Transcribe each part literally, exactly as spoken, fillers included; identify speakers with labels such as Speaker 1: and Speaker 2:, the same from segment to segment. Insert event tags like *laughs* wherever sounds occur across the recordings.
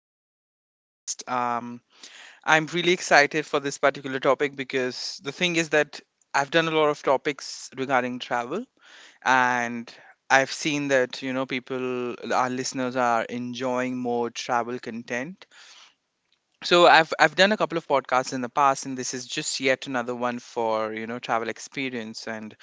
Speaker 1: another podcast. Um, I'm really excited for this particular topic because the thing is that I've done a lot of topics regarding travel, and I've seen that you know people, our listeners, are enjoying more travel content, so i've i've done a couple of podcasts in the past, and this is just yet another one for you know travel experience. And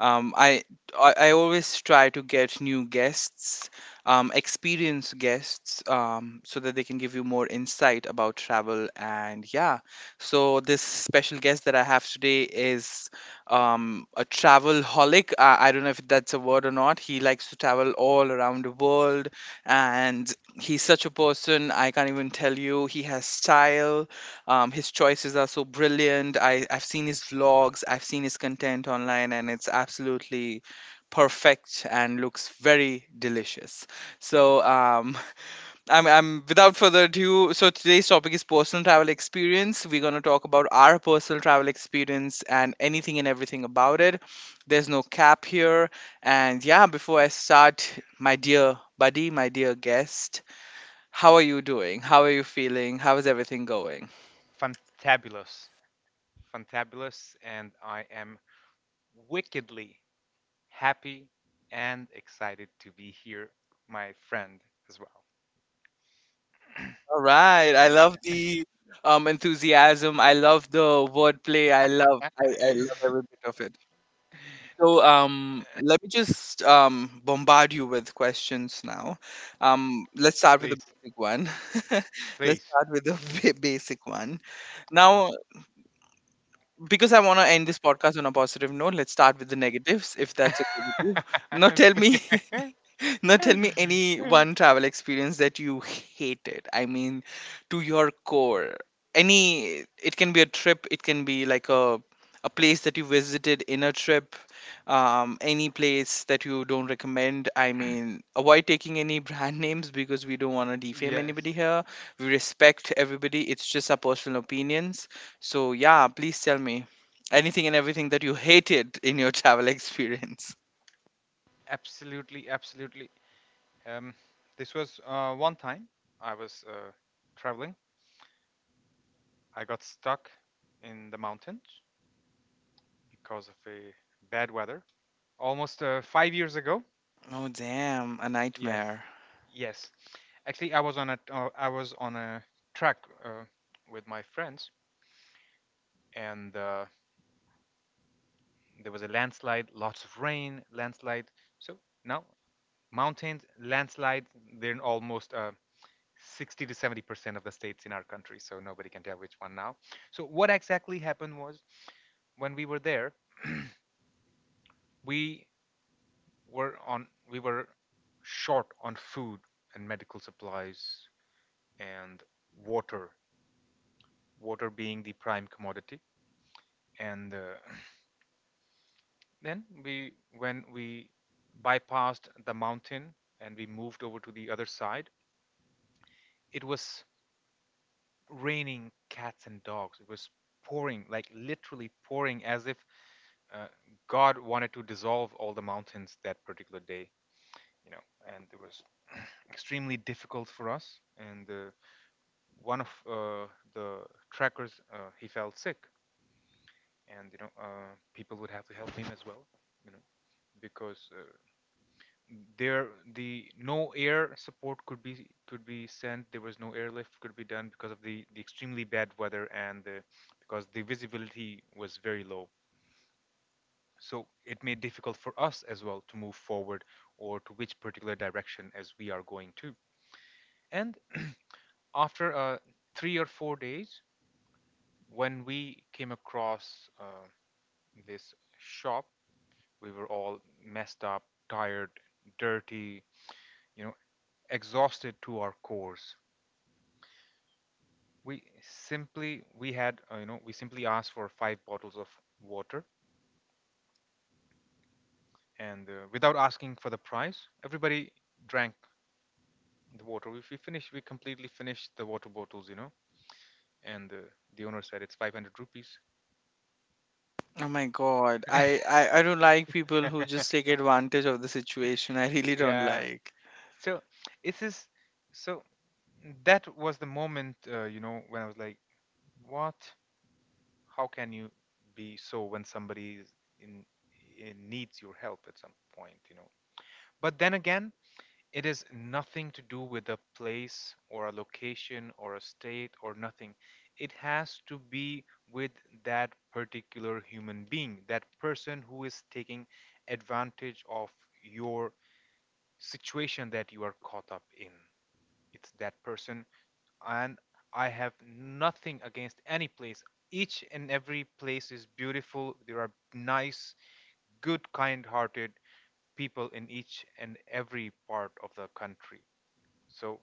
Speaker 1: um, I, I i always try to get new guests, um, experienced guests, um, so that they can give you more insight about travel. And yeah, so this special guest that I have today is um, a travel holic. I, I don't know if that's a word or not. He likes to travel all around the world, and he's such a person I can't even tell you. He has style. Um, his choices are so brilliant. I, i've seen his vlogs, I've seen his content online, and it's absolutely perfect and looks very delicious. So um, *laughs* I'm, I'm, without further ado, so today's topic is personal travel experience. We're going to talk about our personal travel experience and anything and everything about it. There's no cap here. And yeah, before I start, my dear buddy, my dear guest, how are you doing? How are you feeling? How is everything going?
Speaker 2: Fantabulous, fantabulous, and I am wickedly happy and excited to be here, my friend, as well.
Speaker 1: All right. I love the um, enthusiasm. I love the wordplay. I love I, I love every
Speaker 2: *laughs*
Speaker 1: bit of it. So um, let me just um, bombard you with questions now. Um, let's start with the
Speaker 2: Please,
Speaker 1: basic one. *laughs* Let's
Speaker 2: please.
Speaker 1: start with the ba- basic one. Now, because I want to end this podcast on a positive note, let's start with the negatives, if that's okay with you. Now, tell
Speaker 2: *laughs*
Speaker 1: me *laughs* now tell me any one travel experience that you hated. I mean, to your core. Any, it can be a trip, it can be like a a place that you visited in a trip, um, any place that you don't recommend. I mean, avoid taking any *laughs* brand names because we don't want to defame
Speaker 2: Yes,
Speaker 1: anybody here. We respect everybody. It's just our personal opinions. So yeah, please tell me anything and everything that you hated in your *laughs* travel experience.
Speaker 2: absolutely, absolutely. Um, this was uh, one time I was uh, traveling. I got stuck in the mountains because of a bad weather almost uh, five years ago.
Speaker 1: Oh damn, a
Speaker 2: Yes,
Speaker 1: nightmare.
Speaker 2: yes. Actually, I was on a uh, I was on a track uh, with my friends, and uh, there was a landslide, lots of rain, landslide. So now mountains, landslide, they're in almost uh, sixty to seventy percent of the states in our country. So nobody can tell which one now. So what exactly happened was when we were there, we were on we were short on food and medical supplies and water, water being the prime commodity. And uh, *clears throat* then we, when we bypassed the mountain and we moved over to the other side, it was raining cats and dogs. It was pouring, like literally pouring, as if uh, God wanted to dissolve all the mountains that particular day. You know, and it was *clears throat* extremely difficult for us. And uh, one of uh, the trackers, uh, he fell sick, and you know uh, people would have to help him as well, you know because uh, there the no air support could be could be sent, there was no airlift could be done because of the, the extremely bad weather, and the, because the visibility was very low, so it made difficult for us as well to move forward or to which particular direction as we are going to. And after uh, three or four days, when we came across uh, this shop. We were all messed up, tired, dirty, you know, exhausted to our cores. We simply we had uh, you know we simply asked for five bottles of water, and uh, without asking for the price, everybody drank the water. If we finished, we completely finished the water bottles, you know. And uh, the owner said it's five hundred rupees.
Speaker 1: Oh my God. I, I, I don't like people who just
Speaker 2: *laughs*
Speaker 1: take advantage of the situation. I really don't
Speaker 2: Yeah.
Speaker 1: like.
Speaker 2: So it's just, so that was the moment, uh, you know, when I was like, what? How can you be so when somebody is in, in needs your help at some point you know but then again, it is nothing to do with a place or a location or a state or nothing. It has to be with that particular human being, that person who is taking advantage of your situation that you are caught up in. It's that person. And I have nothing against any place. Each and every place is beautiful. There are nice, good, kind hearted people in each and every part of the country. So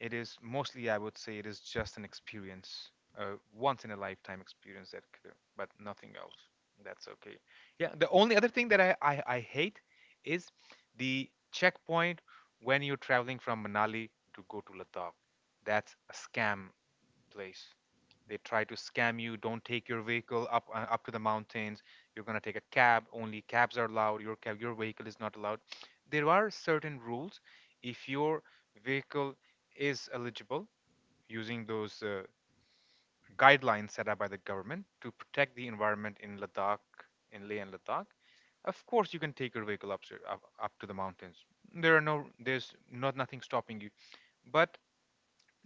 Speaker 2: it is mostly, I would say, it is just an experience, a once in a lifetime experience that could, but nothing else. That's okay. Yeah, the only other thing that I, I, I hate is the checkpoint when you're traveling from Manali to go to Ladakh. That's a scam place. They try to scam you. Don't take your vehicle up uh, up to the mountains. You're gonna take a cab. Only cabs are allowed. Your cab, your vehicle is not allowed. There are certain rules. If your vehicle is eligible, using those uh, guidelines set up by the government to protect the environment in Ladakh, in Leh and Ladakh, of course you can take your vehicle up, up up to the mountains. There are no, there's not nothing stopping you. But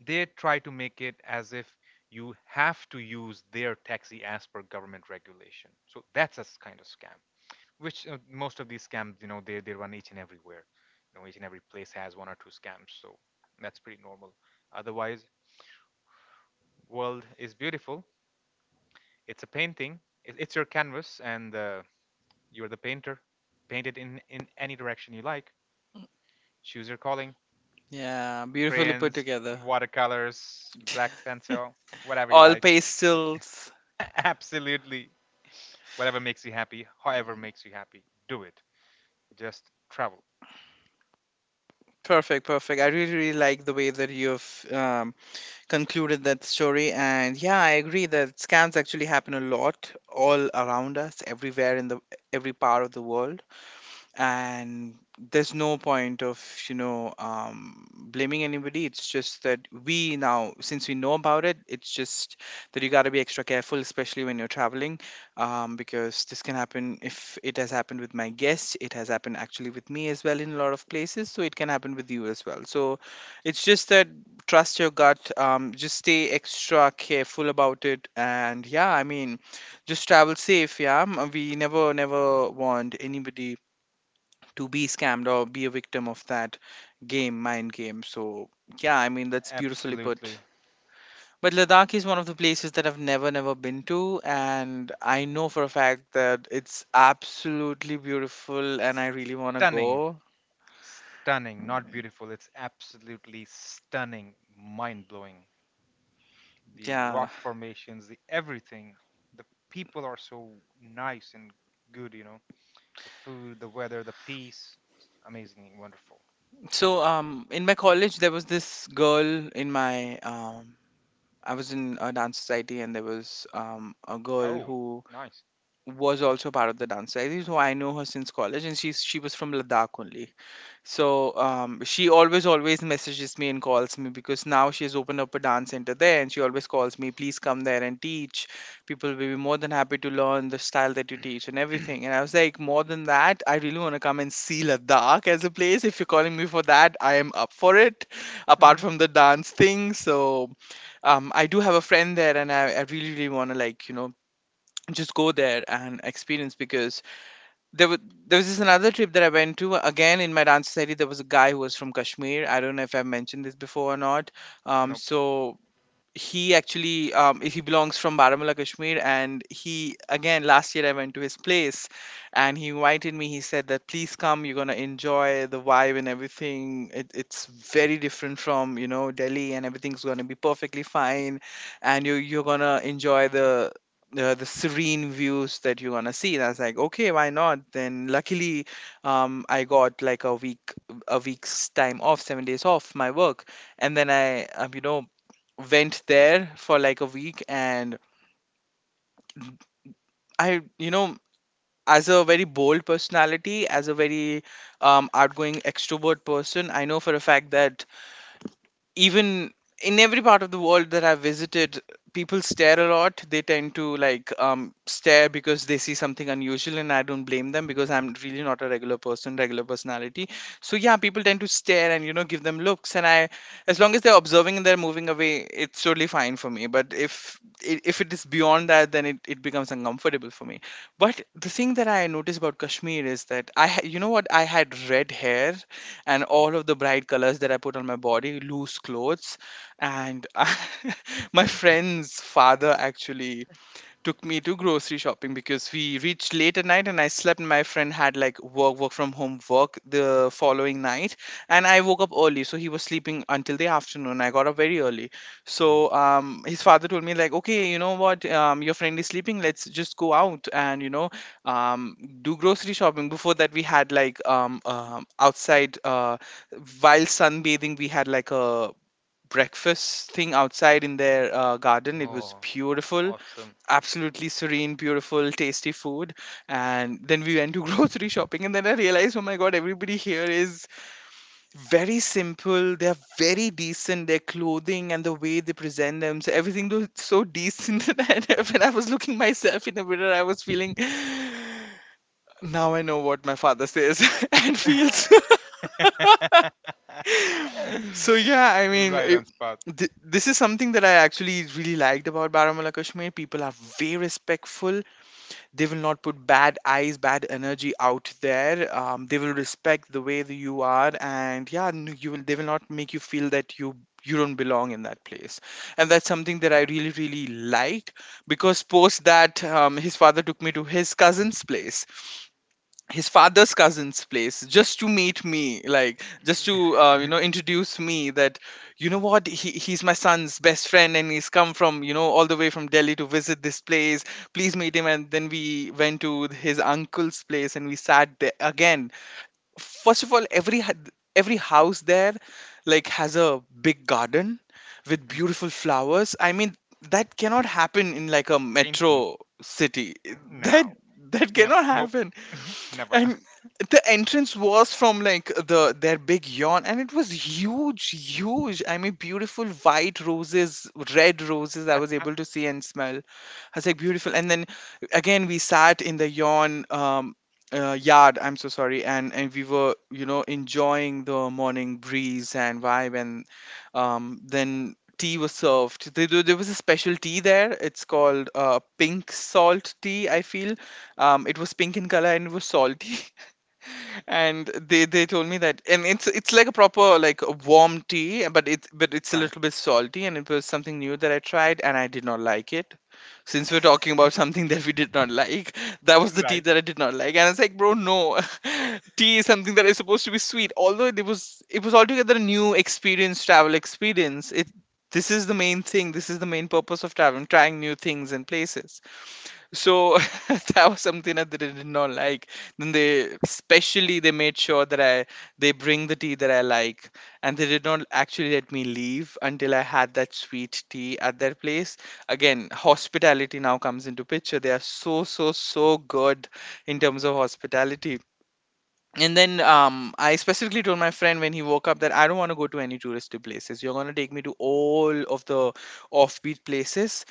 Speaker 2: they try to make it as if you have to use their taxi as per government regulation, so that's a kind of scam, which uh, most of these scams, you know they, they run each and everywhere. You know each and every place has one or two scams, so that's pretty normal. Otherwise, world is beautiful. It's a painting. It's your canvas, and uh, you're the painter. Paint it in in any direction you like. Choose your calling.
Speaker 1: Yeah, beautifully put
Speaker 2: Crayons,
Speaker 1: together.
Speaker 2: watercolors, black pencil,
Speaker 1: *laughs*
Speaker 2: whatever you
Speaker 1: All
Speaker 2: like.
Speaker 1: pastels.
Speaker 2: *laughs* Absolutely. Whatever makes you happy, however makes you happy, do it. Just travel.
Speaker 1: Perfect, perfect. I really, really like the way that you've um, concluded that story. And yeah, I agree that scams actually happen a lot all around us, everywhere in the every part of the world. And there's no point of you know um, blaming anybody. It's just that we, now since we know about it, it's just that you got to be extra careful, especially when you're traveling, um, because this can happen. If it has happened with my guests, it has happened actually with me as well in a lot of places, so it can happen with you as well. So it's just that trust your gut, um, just stay extra careful about it. And yeah, I mean, just travel safe, yeah. Um, we never, never want anybody to be scammed or be a victim of that game, mind game. So yeah, I mean, that's beautifully put.
Speaker 2: Absolutely
Speaker 1: But Ladakh is one of the places that I've never, never been to. And I know for a fact that it's absolutely beautiful and I really want to
Speaker 2: stunning.
Speaker 1: go.
Speaker 2: Stunning, not beautiful. It's absolutely stunning, mind blowing. The
Speaker 1: Yeah.
Speaker 2: rock formations, the everything. The people are so nice and good, you know. The food, the weather, the peace. It's amazing and wonderful.
Speaker 1: So, um, in my college, there was this girl in my, um, I was in a dance society, and there was um, a girl
Speaker 2: Oh,
Speaker 1: who
Speaker 2: nice.
Speaker 1: was also part of the dance society. So I know her since college, and she's, she was from Ladakh only. So um, she always always messages me and calls me because now she has opened up a dance center there, and she always calls me, please come there and teach. People will be more than happy to learn the style that you teach and everything. And I was like, more than that, I really want to come and see Ladakh as a place. If you're calling me for that, I am up for it. Apart from the dance thing. So um, I do have a friend there, and I, I really really want to like you know just go there and experience because there was there was this another trip that I went to again in my dance society. There was a guy who was from Kashmir. I don't know if I've mentioned this before or not. Um,
Speaker 2: Nope.
Speaker 1: so he actually um, he belongs from Baramulla, Kashmir, and he, again last year I went to his place, and he invited me. He said that please come, you're gonna enjoy the vibe and everything. It, it's very different from you know Delhi, and everything's gonna be perfectly fine, and you you're gonna enjoy the. The, the serene views that you're gonna see. And I was like, okay, why not. Then luckily um, I got like a week a week's time off, seven days off my work, and then I, um, you know, went there for like a week. And I, you know, as a very bold personality, as a very um, outgoing extrovert person, I know for a fact that even in every part of the world that I've visited, people stare a lot. They tend to like um, stare because they see something unusual, and I don't blame them because I'm really not a regular person, regular personality. So yeah, people tend to stare and you know give them looks, and I, as long as they're observing and they're moving away, it's totally fine for me. But if i- if it is beyond that, then it, it becomes uncomfortable for me. But the thing that I noticed about Kashmir is that I, ha- you know what, I had red hair and all of the bright colors that I put on my body, loose clothes, and *laughs* my friend's father actually took me to grocery shopping because we reached late at night and I slept. My friend had like work, work from home, work the following night, and I woke up early. So he was sleeping until the afternoon. I got up very early. So um, his father told me like, okay, you know what, um, your friend is sleeping. Let's just go out and you know, um, do grocery shopping. Before that, we had like um, um outside uh, while sunbathing, we had like a breakfast thing outside in their uh, garden. It was
Speaker 2: Oh,
Speaker 1: beautiful,
Speaker 2: awesome.
Speaker 1: absolutely serene, beautiful, tasty food. And then we went to *laughs* grocery shopping, and then I realized, oh my god, everybody here is very simple. They're very decent. Their clothing and the way they present them, so everything was so decent. *laughs* And when I was looking myself in the mirror, I was feeling. *sighs* Now I know what my father says *laughs* and feels.
Speaker 2: *laughs*
Speaker 1: *laughs* So yeah, I mean,
Speaker 2: Right
Speaker 1: it,
Speaker 2: on spot.
Speaker 1: th- this is something that I actually really liked about Baramulla, Kashmir. People are very respectful. They will not put bad eyes, bad energy out there. Um, they will respect the way that you are, and yeah, n- you will. They will not make you feel that you you don't belong in that place. And that's something that I really really liked because post that, um, his father took me to his cousin's place his father's cousin's place just to meet me, like just to uh, you know introduce me that you know what, he, he's my son's best friend, and he's come from you know all the way from Delhi to visit this place, please meet him. And then we went to his uncle's place and we sat there again. First of all, every ha- every house there like has a big garden with
Speaker 2: Mm,
Speaker 1: beautiful flowers. I mean, that cannot happen in like a
Speaker 2: painting.
Speaker 1: metro city, that
Speaker 2: No.
Speaker 1: that
Speaker 2: No.
Speaker 1: cannot
Speaker 2: Nope.
Speaker 1: happen.
Speaker 2: *laughs* Never.
Speaker 1: And the entrance was from like the their big yawn, and it was huge huge. I mean beautiful white roses, red roses. I was able to see and smell. I was like, beautiful. And then again we sat in the yawn, um uh, yard, I'm so sorry. And and we were you know enjoying the morning breeze and vibe. And um then tea was served. There, there there was a special tea there. It's called uh, pink salt tea, I feel. Um it was pink in color and it was salty. *laughs* And they they told me that. And it's it's like a proper like a warm tea, but it's but it's a
Speaker 2: *laughs* Right.
Speaker 1: little bit salty. And it was something new that I tried, and I did not like it. Since we're talking about *laughs* something that we did not like, that was the tea
Speaker 2: Right.
Speaker 1: that I did not like, and I was like bro, no. *laughs* Tea is something that is supposed to be sweet. Although it was It was altogether a new experience, travel experience. It, this is the main thing, this is the main purpose of traveling, trying new things and places. So, *laughs* that was something that they did not like. Then they specially they made sure that I, they bring the tea that I like, and they did not actually let me leave until I had that sweet tea at their place. Again, hospitality now comes into picture. They are so so so good in terms of hospitality. And then um, I specifically told my friend when he woke up that I don't want to go to any touristy places. You're going to take me to all of the offbeat places,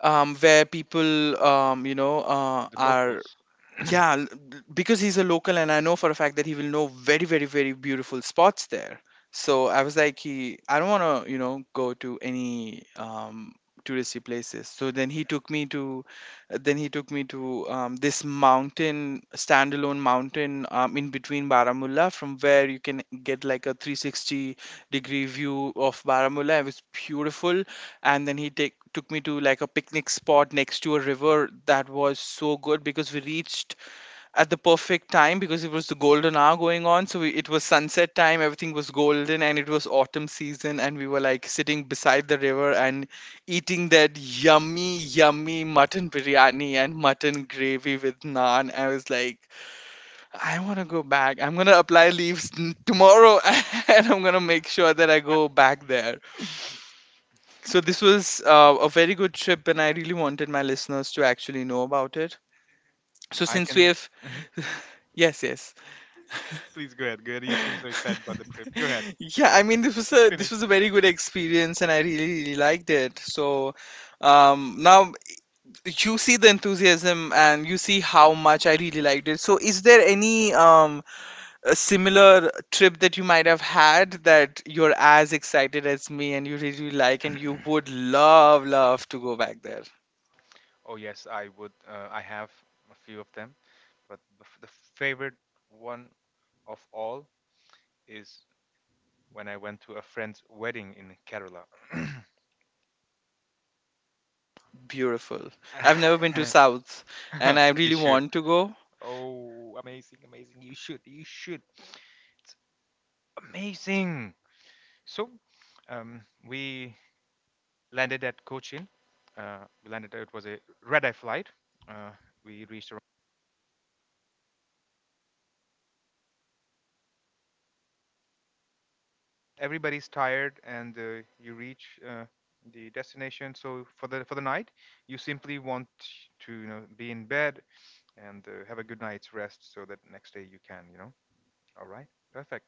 Speaker 1: um, where people, um, you know, uh,
Speaker 2: The
Speaker 1: are
Speaker 2: locals. *clears throat* I,
Speaker 1: yeah, l- l- because he's a local, and I know for a fact that he will know very, very, very beautiful spots there. So I was like, he, I don't want to, you know, go to any um, touristy places. So then he took me to, then he took me to um, this mountain, standalone mountain um, in between Baramulla, from where you can get like a three sixty degree view of Baramulla. It was beautiful. And then he take took me to like a picnic spot next to a river. That was so good because we reached at the perfect time because it was the golden hour going on. So we, it was sunset time, everything was golden, and it was autumn season, and we were like sitting beside the river and eating that yummy yummy mutton biryani and mutton gravy with naan. I was like, I want to go back. I'm going to apply leaves n- tomorrow. *laughs* And I'm going to make sure that I go back there. So this was uh, a very good trip, and I really wanted my listeners to actually know about it. So
Speaker 2: I
Speaker 1: since we
Speaker 2: can.
Speaker 1: have, *laughs* yes, yes,
Speaker 2: Please go ahead. Go ahead. You seem so excited about the trip. Go ahead.
Speaker 1: *laughs* yeah. I
Speaker 2: Uh,
Speaker 1: mean, this was a this was
Speaker 2: Finish.
Speaker 1: a very good experience, and I really, really liked it. So um, now you see the enthusiasm, and you see how much I really liked it. So is there any um a similar trip that you might have had that you're as excited as me, and you really like, and you would love, love to go back there?
Speaker 2: Oh yes, I would. Uh, I have a few of them, but the, f- the favorite one of all is when I went to a friend's wedding in Kerala.
Speaker 1: Beautiful.
Speaker 2: *clears throat*
Speaker 1: I've never been to
Speaker 2: *coughs*
Speaker 1: South,
Speaker 2: *laughs*
Speaker 1: and
Speaker 2: *laughs*
Speaker 1: I
Speaker 2: You
Speaker 1: really
Speaker 2: should.
Speaker 1: want to go.
Speaker 2: Oh, amazing, amazing. You should, you should. Amazing. So, um, we landed at Cochin. Uh, we landed. It was a red eye flight. Uh, we reached around. Everybody's tired, and uh, you reach uh, the destination. So for the for the night, you simply want to you know be in bed and uh, have a good night's rest, so that next day you can you know. All right, perfect.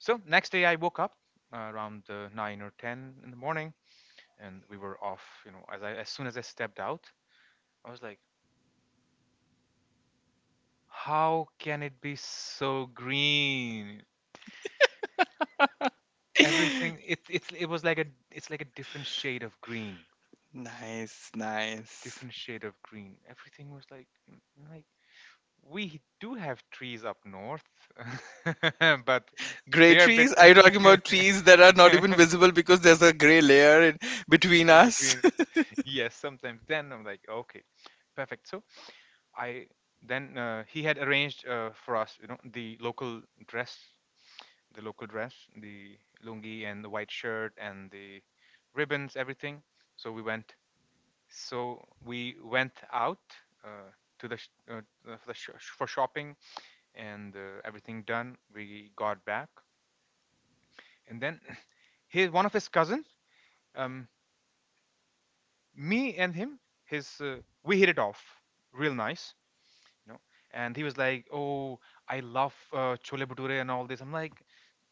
Speaker 2: So next day I woke up uh, around uh, nine or ten in the morning, and we were off. You know, as I as soon as I stepped out, I was like, "How can it be so green?
Speaker 1: *laughs*
Speaker 2: Everything, it it it was like a it's like a different shade of green,
Speaker 1: Nice, nice.
Speaker 2: different shade of green. Everything was like mm, like we do have trees up north, *laughs* but
Speaker 1: Gray
Speaker 2: they're a
Speaker 1: trees?
Speaker 2: bit
Speaker 1: Are you talking about trees that are not even
Speaker 2: *laughs*
Speaker 1: visible because there's a gray layer in between
Speaker 2: in
Speaker 1: us?
Speaker 2: between.
Speaker 1: *laughs*
Speaker 2: *laughs* Yes, sometimes. Then I'm like, okay, perfect. So I then uh, he had arranged uh, for us, you know, the local dress, the local dress, the lungi and the white shirt and the ribbons, everything. So we went. So we went out uh, to the sh- uh, uh, for, the sh- for shopping, and uh, everything done. We got back, and then *laughs* *clears throat* his one of his cousins. Um, me and him, his uh, we hit it off real nice, you know and he was like, oh, I love uh, chole bhature and all this. I'm like,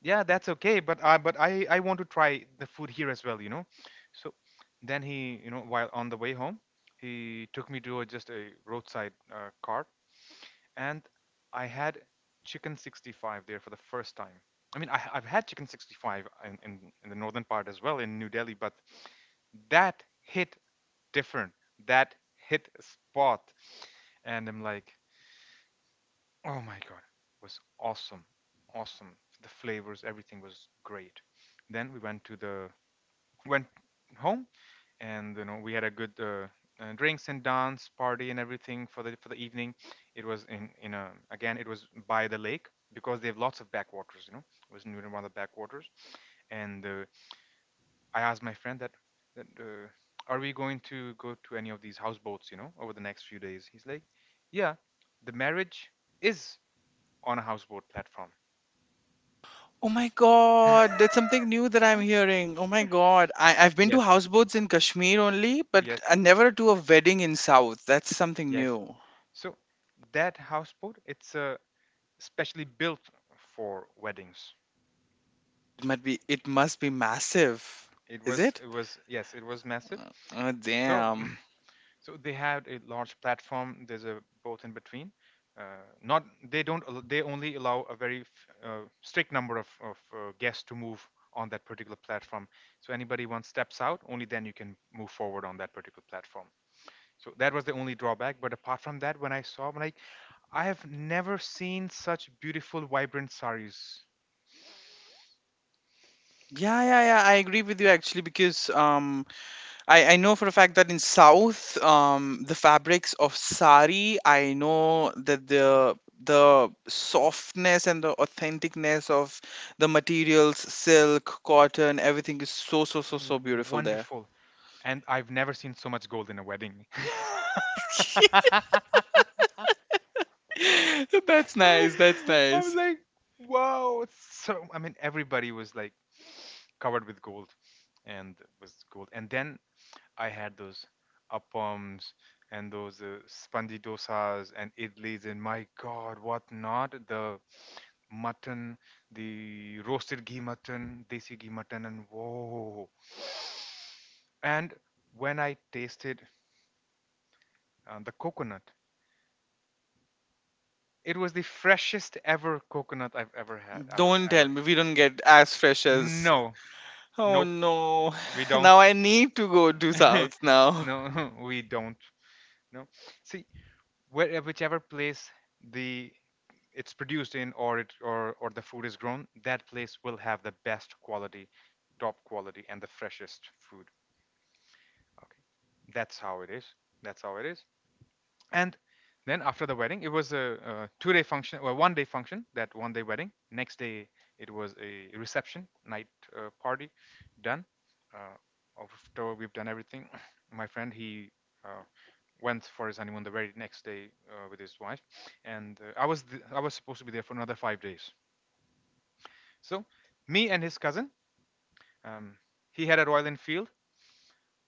Speaker 2: yeah, that's okay, but i but i i want to try the food here as well, you know so then he, you know while on the way home, he took me to a, just a roadside uh, cart, and I had chicken sixty-five there for the first time. I mean, I, i've had chicken sixty-five in, in in the northern part as well, in New Delhi, but that hit different. That hit spot. And I'm like, oh my God, it was awesome. Awesome. The flavors, everything was great. Then we went to the, went home, and, you know, we had a good uh, uh, drinks and dance party and everything for the, for the evening. It was in, in a, again, it was by the lake, because they have lots of backwaters, you know, it was near one of the backwaters. And uh, I asked my friend that, that uh, are we going to go to any of these houseboats, you know, over the next few days? He's like, yeah, the marriage is on a houseboat platform.
Speaker 1: Oh my god, that's something new that I'm
Speaker 2: Mhm.
Speaker 1: hearing. Oh my god. I, I've been to
Speaker 2: Yes,
Speaker 1: houseboats in Kashmir only, but
Speaker 2: yes,
Speaker 1: I never to a wedding in South. That's something
Speaker 2: yes.
Speaker 1: new.
Speaker 2: So that houseboat, it's uh, specially built for weddings.
Speaker 1: It must be it must be massive.
Speaker 2: It
Speaker 1: Is
Speaker 2: was,
Speaker 1: it?
Speaker 2: it was, yes, it was massive.
Speaker 1: Oh
Speaker 2: So
Speaker 1: damn.
Speaker 2: so they had a large platform. There's a both in between, uh, not they don't al- they only allow a very f- uh, strict number of, of uh, guests to move on that particular platform, so anybody once steps out only then you can move forward on that particular platform. So that was the only drawback, but apart from that, when I saw when I I have never seen such beautiful vibrant saris.
Speaker 1: Yeah, yeah, yeah. I agree with you actually because um, I I know for a fact that in South um, the fabrics of sari, I know that the the softness and the authenticness of the materials, silk, cotton, everything is so so so so beautiful there.
Speaker 2: Wonderful. And I've never seen so much gold in a wedding.
Speaker 1: *laughs*
Speaker 2: *laughs*
Speaker 1: That's nice. That's
Speaker 2: *laughs* I was
Speaker 1: nice.
Speaker 2: like, wow. So, I mean, everybody was like covered with gold and was gold. And then I had those appams and those uh, spandi dosas and idlis. And my God, what not? The mutton, the roasted ghee mutton, desi ghee mutton, and whoa. And when I tasted uh, the coconut, it was the freshest ever coconut I've ever had, ever,
Speaker 1: Don't tell
Speaker 2: ever.
Speaker 1: me, we don't get as fresh as.
Speaker 2: No,
Speaker 1: Oh
Speaker 2: nope,
Speaker 1: no!
Speaker 2: we
Speaker 1: *laughs* Now
Speaker 2: don't.
Speaker 1: I need to go to South
Speaker 2: *laughs*
Speaker 1: now. *laughs*
Speaker 2: No, *laughs* we don't. No, see, where, whichever place the it's produced in, or it or or the food is grown, that place will have the best quality, top quality, and the freshest food. Okay, that's how it is. That's how it is. And then after the wedding, it was a, uh two day function. Well, one day function. That one day wedding, next day it was a reception night, uh, party done. uh, After we've done everything, *clears throat* my friend, he uh, went for his honeymoon the very next day, uh, with his wife. And uh, I was th- I was supposed to be there for another five days. So me and his cousin, um, he had a Royal Enfield.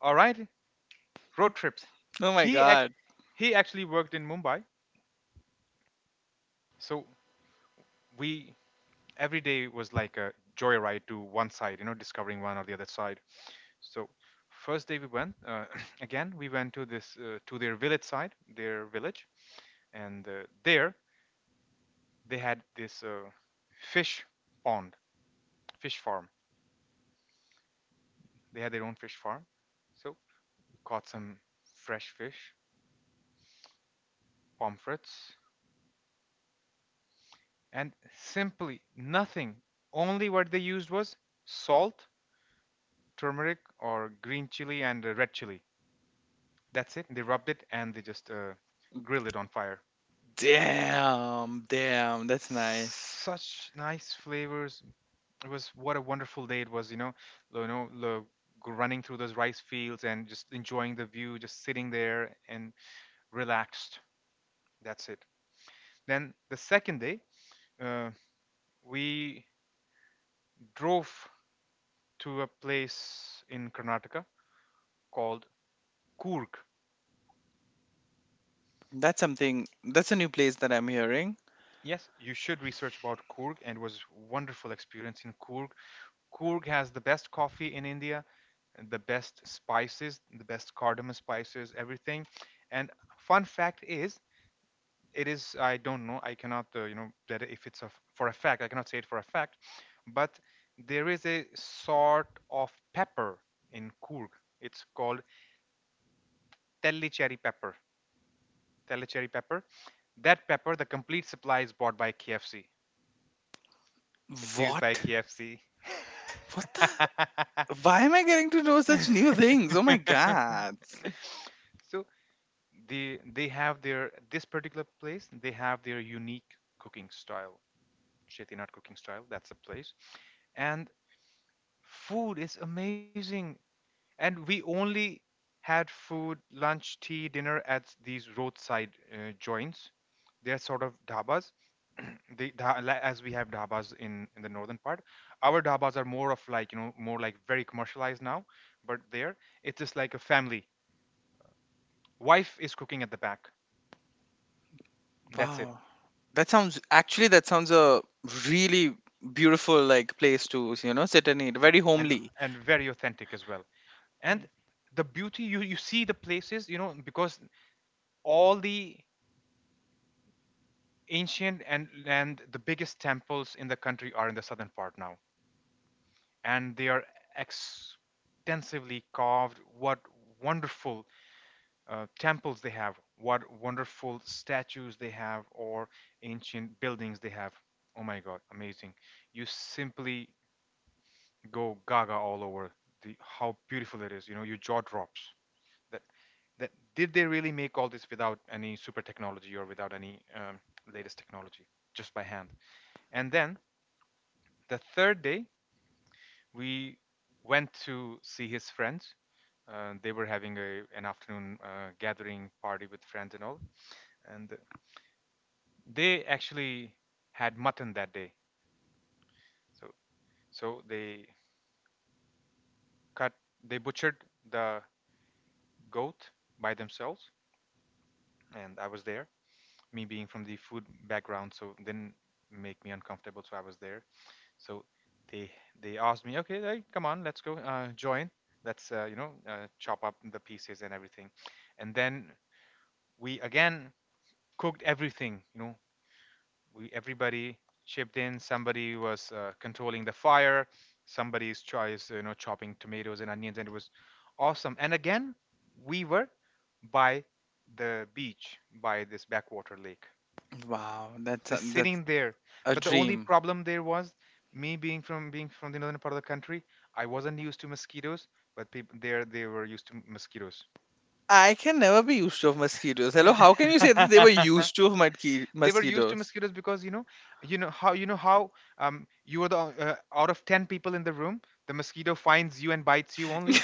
Speaker 2: All right, road trips.
Speaker 1: Oh my
Speaker 2: he act-
Speaker 1: God.
Speaker 2: he actually worked in Mumbai. So we, every day was like a joyride to one side, you know, discovering one or the other side. So first day we went, uh, *clears throat* again. We went to this, uh, to their village side, their village, and uh, there they had this, uh, fish pond, fish farm. They had their own fish farm. So caught some fresh fish, pomfrets, and simply nothing. Only what they used was salt, turmeric, or green chili and uh, red chili. That's it. They rubbed it and they just uh, grilled it on fire.
Speaker 1: Damn, damn, that's nice.
Speaker 2: Such nice flavors. It was, what a wonderful day it was. You know, lo- you know, lo- g- running through those rice fields and just enjoying the view, just sitting there and relaxed. That's it. Then the second day, uh, we drove to a place in Karnataka called Coorg.
Speaker 1: That's something, that's a new place that I'm hearing.
Speaker 2: Yes, you should research about Coorg, and it was wonderful experience in Coorg. Coorg has the best coffee in India, the best spices, the best cardamom spices, everything. And fun fact is, it is, I don't know, I cannot, uh, you know, that if it's a, for a fact, I cannot say it for a fact, but there is a sort of pepper in Coorg. It's called tellicherry pepper. Tellicherry pepper. That pepper, the complete supply is bought by K F C. It's used by
Speaker 1: What?
Speaker 2: K F C.
Speaker 1: What the? Why am I getting to know such new
Speaker 2: *laughs*
Speaker 1: things? Oh my
Speaker 2: *laughs*
Speaker 1: god.
Speaker 2: *laughs* So they they have their, this particular place, they have their unique cooking style, chetinat cooking style, that's a place. And food is amazing, and we only had food, lunch, tea, dinner at these roadside uh, joints. They're sort of dhabas. *clears throat* They dha- la- as we have dhabas in in the northern part, our dhabas are more of, like, you know, more like very commercialized now. But there, it's just like a family. Wife is cooking at the back, that's it.
Speaker 1: Wow. That sounds, actually, that sounds a really beautiful like place to, you know, sit and eat. Very
Speaker 2: and
Speaker 1: homely.
Speaker 2: and very authentic as well. And the beauty, you you see the places, you know, because all the ancient and and the biggest temples in the country are in the southern part now, and they are extensively carved. What wonderful uh, temples they have, what wonderful statues they have, or ancient buildings they have. Oh my god, amazing. You simply go gaga all over the, how beautiful it is, you know, your jaw drops. That, did they really make all this without any super technology or without any, um, latest technology, just by hand? And then the third day, we went to see his friends. Uh, they were having a, an afternoon uh, gathering party with friends and all. And they actually had mutton that day. So so they cut, they butchered the goat by themselves. And I was there. Me being from the food background, so it didn't make me uncomfortable, so I was there. So they they asked me, okay, like, come on, let's go, uh, join. Let's, uh, you know, uh, chop up the pieces and everything. And then we again cooked everything. You know, we, everybody chipped in. Somebody was uh, controlling the fire. Somebody's tries, you know, chopping tomatoes and onions, and it was awesome. And again, we were by the beach, by this backwater lake,
Speaker 1: Wow, that's a,
Speaker 2: just
Speaker 1: that's
Speaker 2: sitting there.
Speaker 1: a
Speaker 2: But the only
Speaker 1: dream.
Speaker 2: problem there was, me being from, being from the northern part of the country, I wasn't used to mosquitoes, but people there, they were used to mosquitoes.
Speaker 1: I can never be used to of mosquitoes. Hello, how can you say that they were
Speaker 2: *laughs*
Speaker 1: used to of mosqui-
Speaker 2: They were used to
Speaker 1: mosquitoes?
Speaker 2: mosquitoes because, you know, you know how you know how um you are the, uh, out of ten people in the room, the mosquito finds you and bites you only.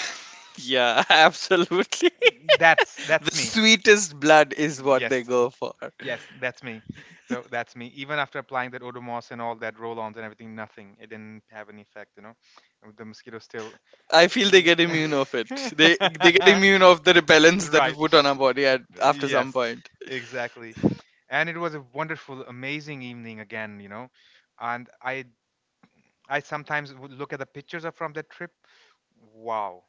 Speaker 1: Yeah, *laughs* absolutely.
Speaker 2: That's
Speaker 1: The
Speaker 2: that's me.
Speaker 1: sweetest blood is what
Speaker 2: Yes.
Speaker 1: they go for.
Speaker 2: Yes, that's me. So that's me. Even after applying that Odomos and all that roll-ons and everything, nothing. It didn't have any effect, you know. The mosquito still.
Speaker 1: I feel they
Speaker 2: You...
Speaker 1: get immune of it. They they get immune of the repellents that we
Speaker 2: *laughs* right.
Speaker 1: put on our body at after some
Speaker 2: Yes,
Speaker 1: point.
Speaker 2: exactly. And it was a wonderful, amazing evening again, you know. And I, I sometimes would look at the pictures of from that trip. Wow,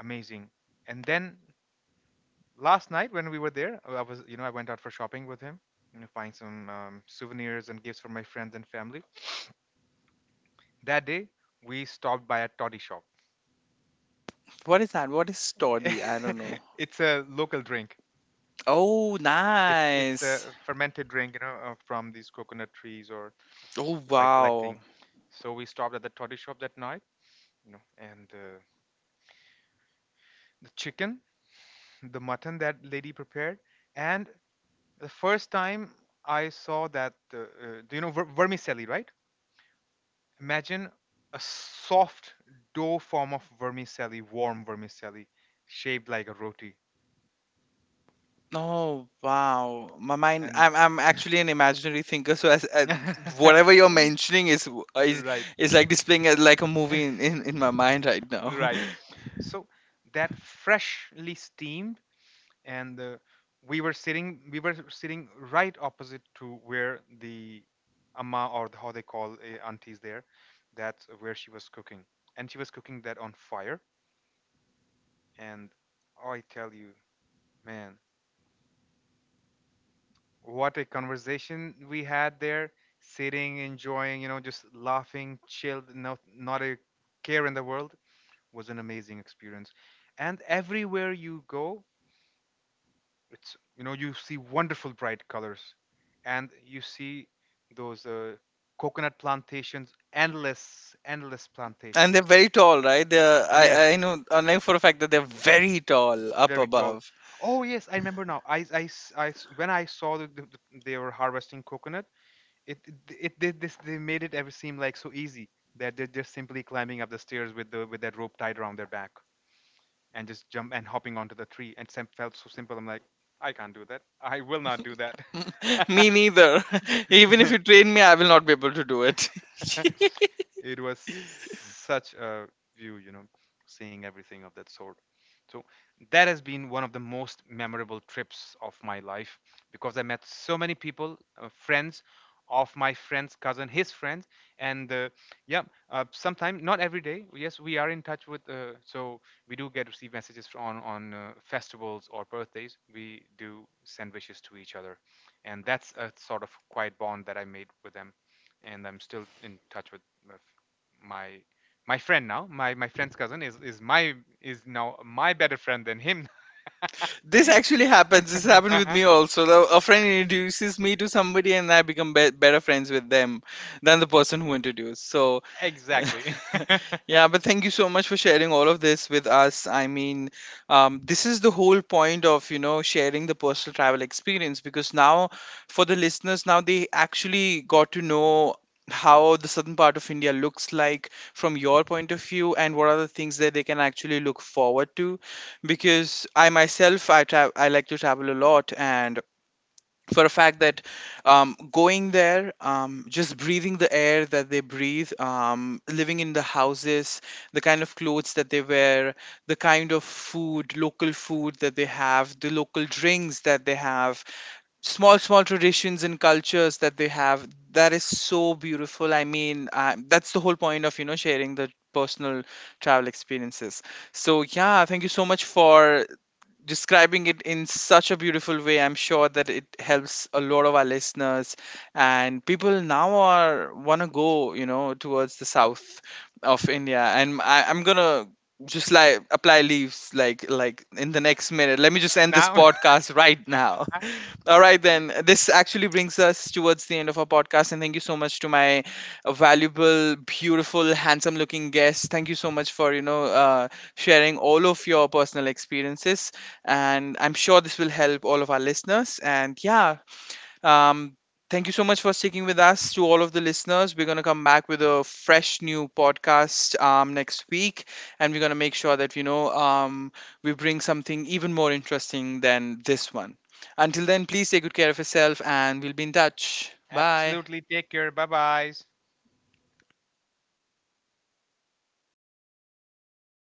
Speaker 2: amazing. And then last night when we were there, I was, you know, I went out for shopping with him, you know, buying some um, souvenirs and gifts for my friends and family. That day, we stopped by a toddy shop.
Speaker 1: What is that? What is toddy? I don't know.
Speaker 2: *laughs* It's a local drink.
Speaker 1: Oh,
Speaker 2: It's it's
Speaker 1: nice.
Speaker 2: a fermented drink, you know, uh, from these coconut trees, or
Speaker 1: Oh,
Speaker 2: by
Speaker 1: wow.
Speaker 2: collecting. So we stopped at the toddy shop that night, you know, and uh, the chicken, the mutton that lady prepared, and the first time I saw that, uh, uh, do you know ver- vermicelli, right? Imagine a soft dough form of vermicelli, warm vermicelli, shaped like a roti.
Speaker 1: Oh, wow. My mind.
Speaker 2: And
Speaker 1: I'm I'm actually an imaginary thinker. So as, uh,
Speaker 2: *laughs*
Speaker 1: whatever you're mentioning is is
Speaker 2: right,
Speaker 1: is like displaying as like a movie in, in in my mind right
Speaker 2: *laughs*
Speaker 1: now. *laughs*
Speaker 2: right. So that freshly steamed, and uh, we were sitting, we were sitting right opposite to where the amma, or the, how they call, uh, aunties there. That's where she was cooking, and she was cooking that on fire. And I tell you, man, what a conversation we had there, sitting, enjoying, you know, just laughing, chilled. No, not a care in the world. Was an amazing experience. And everywhere you go, it's, you know, you see wonderful bright colors, and you see those uh, coconut plantations, endless, endless
Speaker 1: And they're
Speaker 2: plantations.
Speaker 1: very tall, right? They're, I I
Speaker 2: Yes,
Speaker 1: know I know for a fact that they're very tall up
Speaker 2: very tall.
Speaker 1: above.
Speaker 2: Oh yes, I remember now. I, I, s- I s- when I saw that th- th- they were harvesting coconut, it it, it they, this they made it ever seem like so easy, that they're just simply climbing up the stairs with the with that rope tied around their back and just jump and hopping onto the tree. And Sam, felt so simple, I'm like, I can't do that, I will not do that.
Speaker 1: *laughs*
Speaker 2: *laughs*
Speaker 1: Me neither. *laughs* Even if you train me, I will not be able to do it.
Speaker 2: *laughs*
Speaker 1: *laughs*
Speaker 2: It was such a view, you know, seeing everything of that sort. So that has been one of the most memorable trips of my life, because I met so many people, uh, friends of my friend's cousin, his friends, and uh, yeah, uh, sometime, not every day. Yes, we are in touch with. Uh, so we do get, receive messages fr- on on uh, festivals or birthdays. We do send wishes to each other, and that's a sort of quiet bond that I made with them, and I'm still in touch with, with my my friend now. My my friend's cousin is is my, is now my better friend than him.
Speaker 1: This actually happens. This happened with me
Speaker 2: *laughs*
Speaker 1: also. The- A friend introduces me to somebody, and I become be- better friends with them than the person who introduced. So *laughs*
Speaker 2: Exactly.
Speaker 1: yeah, but thank you so much for sharing all of this with us. I mean, um, this is the whole point of, you know, sharing the personal travel experience, because now for the listeners, now they actually got to know how the southern part of India looks like from your point of view and what are the things that they can actually look forward to. Because I myself, I tra I like to travel a lot, and for a fact that um, going there, um, just breathing the air that they breathe, um, living in the houses, the kind of clothes that they wear, the kind of food, local food that they have, the local drinks that they have, small, small traditions and cultures that they have. That is so beautiful. I mean, uh, that's the whole point of, you know, sharing the personal travel experiences. So, yeah, thank you so much for describing it in such a beautiful way. I'm sure that it helps a lot of our listeners, and people now are wanna go, you know, towards the south of India. And I, I'm gonna just like apply leaves like like in the next minute. Let me just
Speaker 2: *laughs*
Speaker 1: end this
Speaker 2: Now,
Speaker 1: podcast right now.
Speaker 2: *laughs*
Speaker 1: *laughs* All right then. This actually brings us towards the end of our podcast, and thank you so much to my valuable, beautiful, handsome looking guest. Thank you so much for, you know, uh, sharing all of your personal experiences, and I'm sure this will help all of our listeners. And yeah, um, thank you so much for sticking with us, to all of the listeners. We're going to come back with a fresh new podcast um, next week, and we're going to make sure that, you know, um, we bring something even more interesting than this one. Until then, please take good care of yourself, and we'll be in touch. Bye.
Speaker 2: absolutely, take care. Bye byes.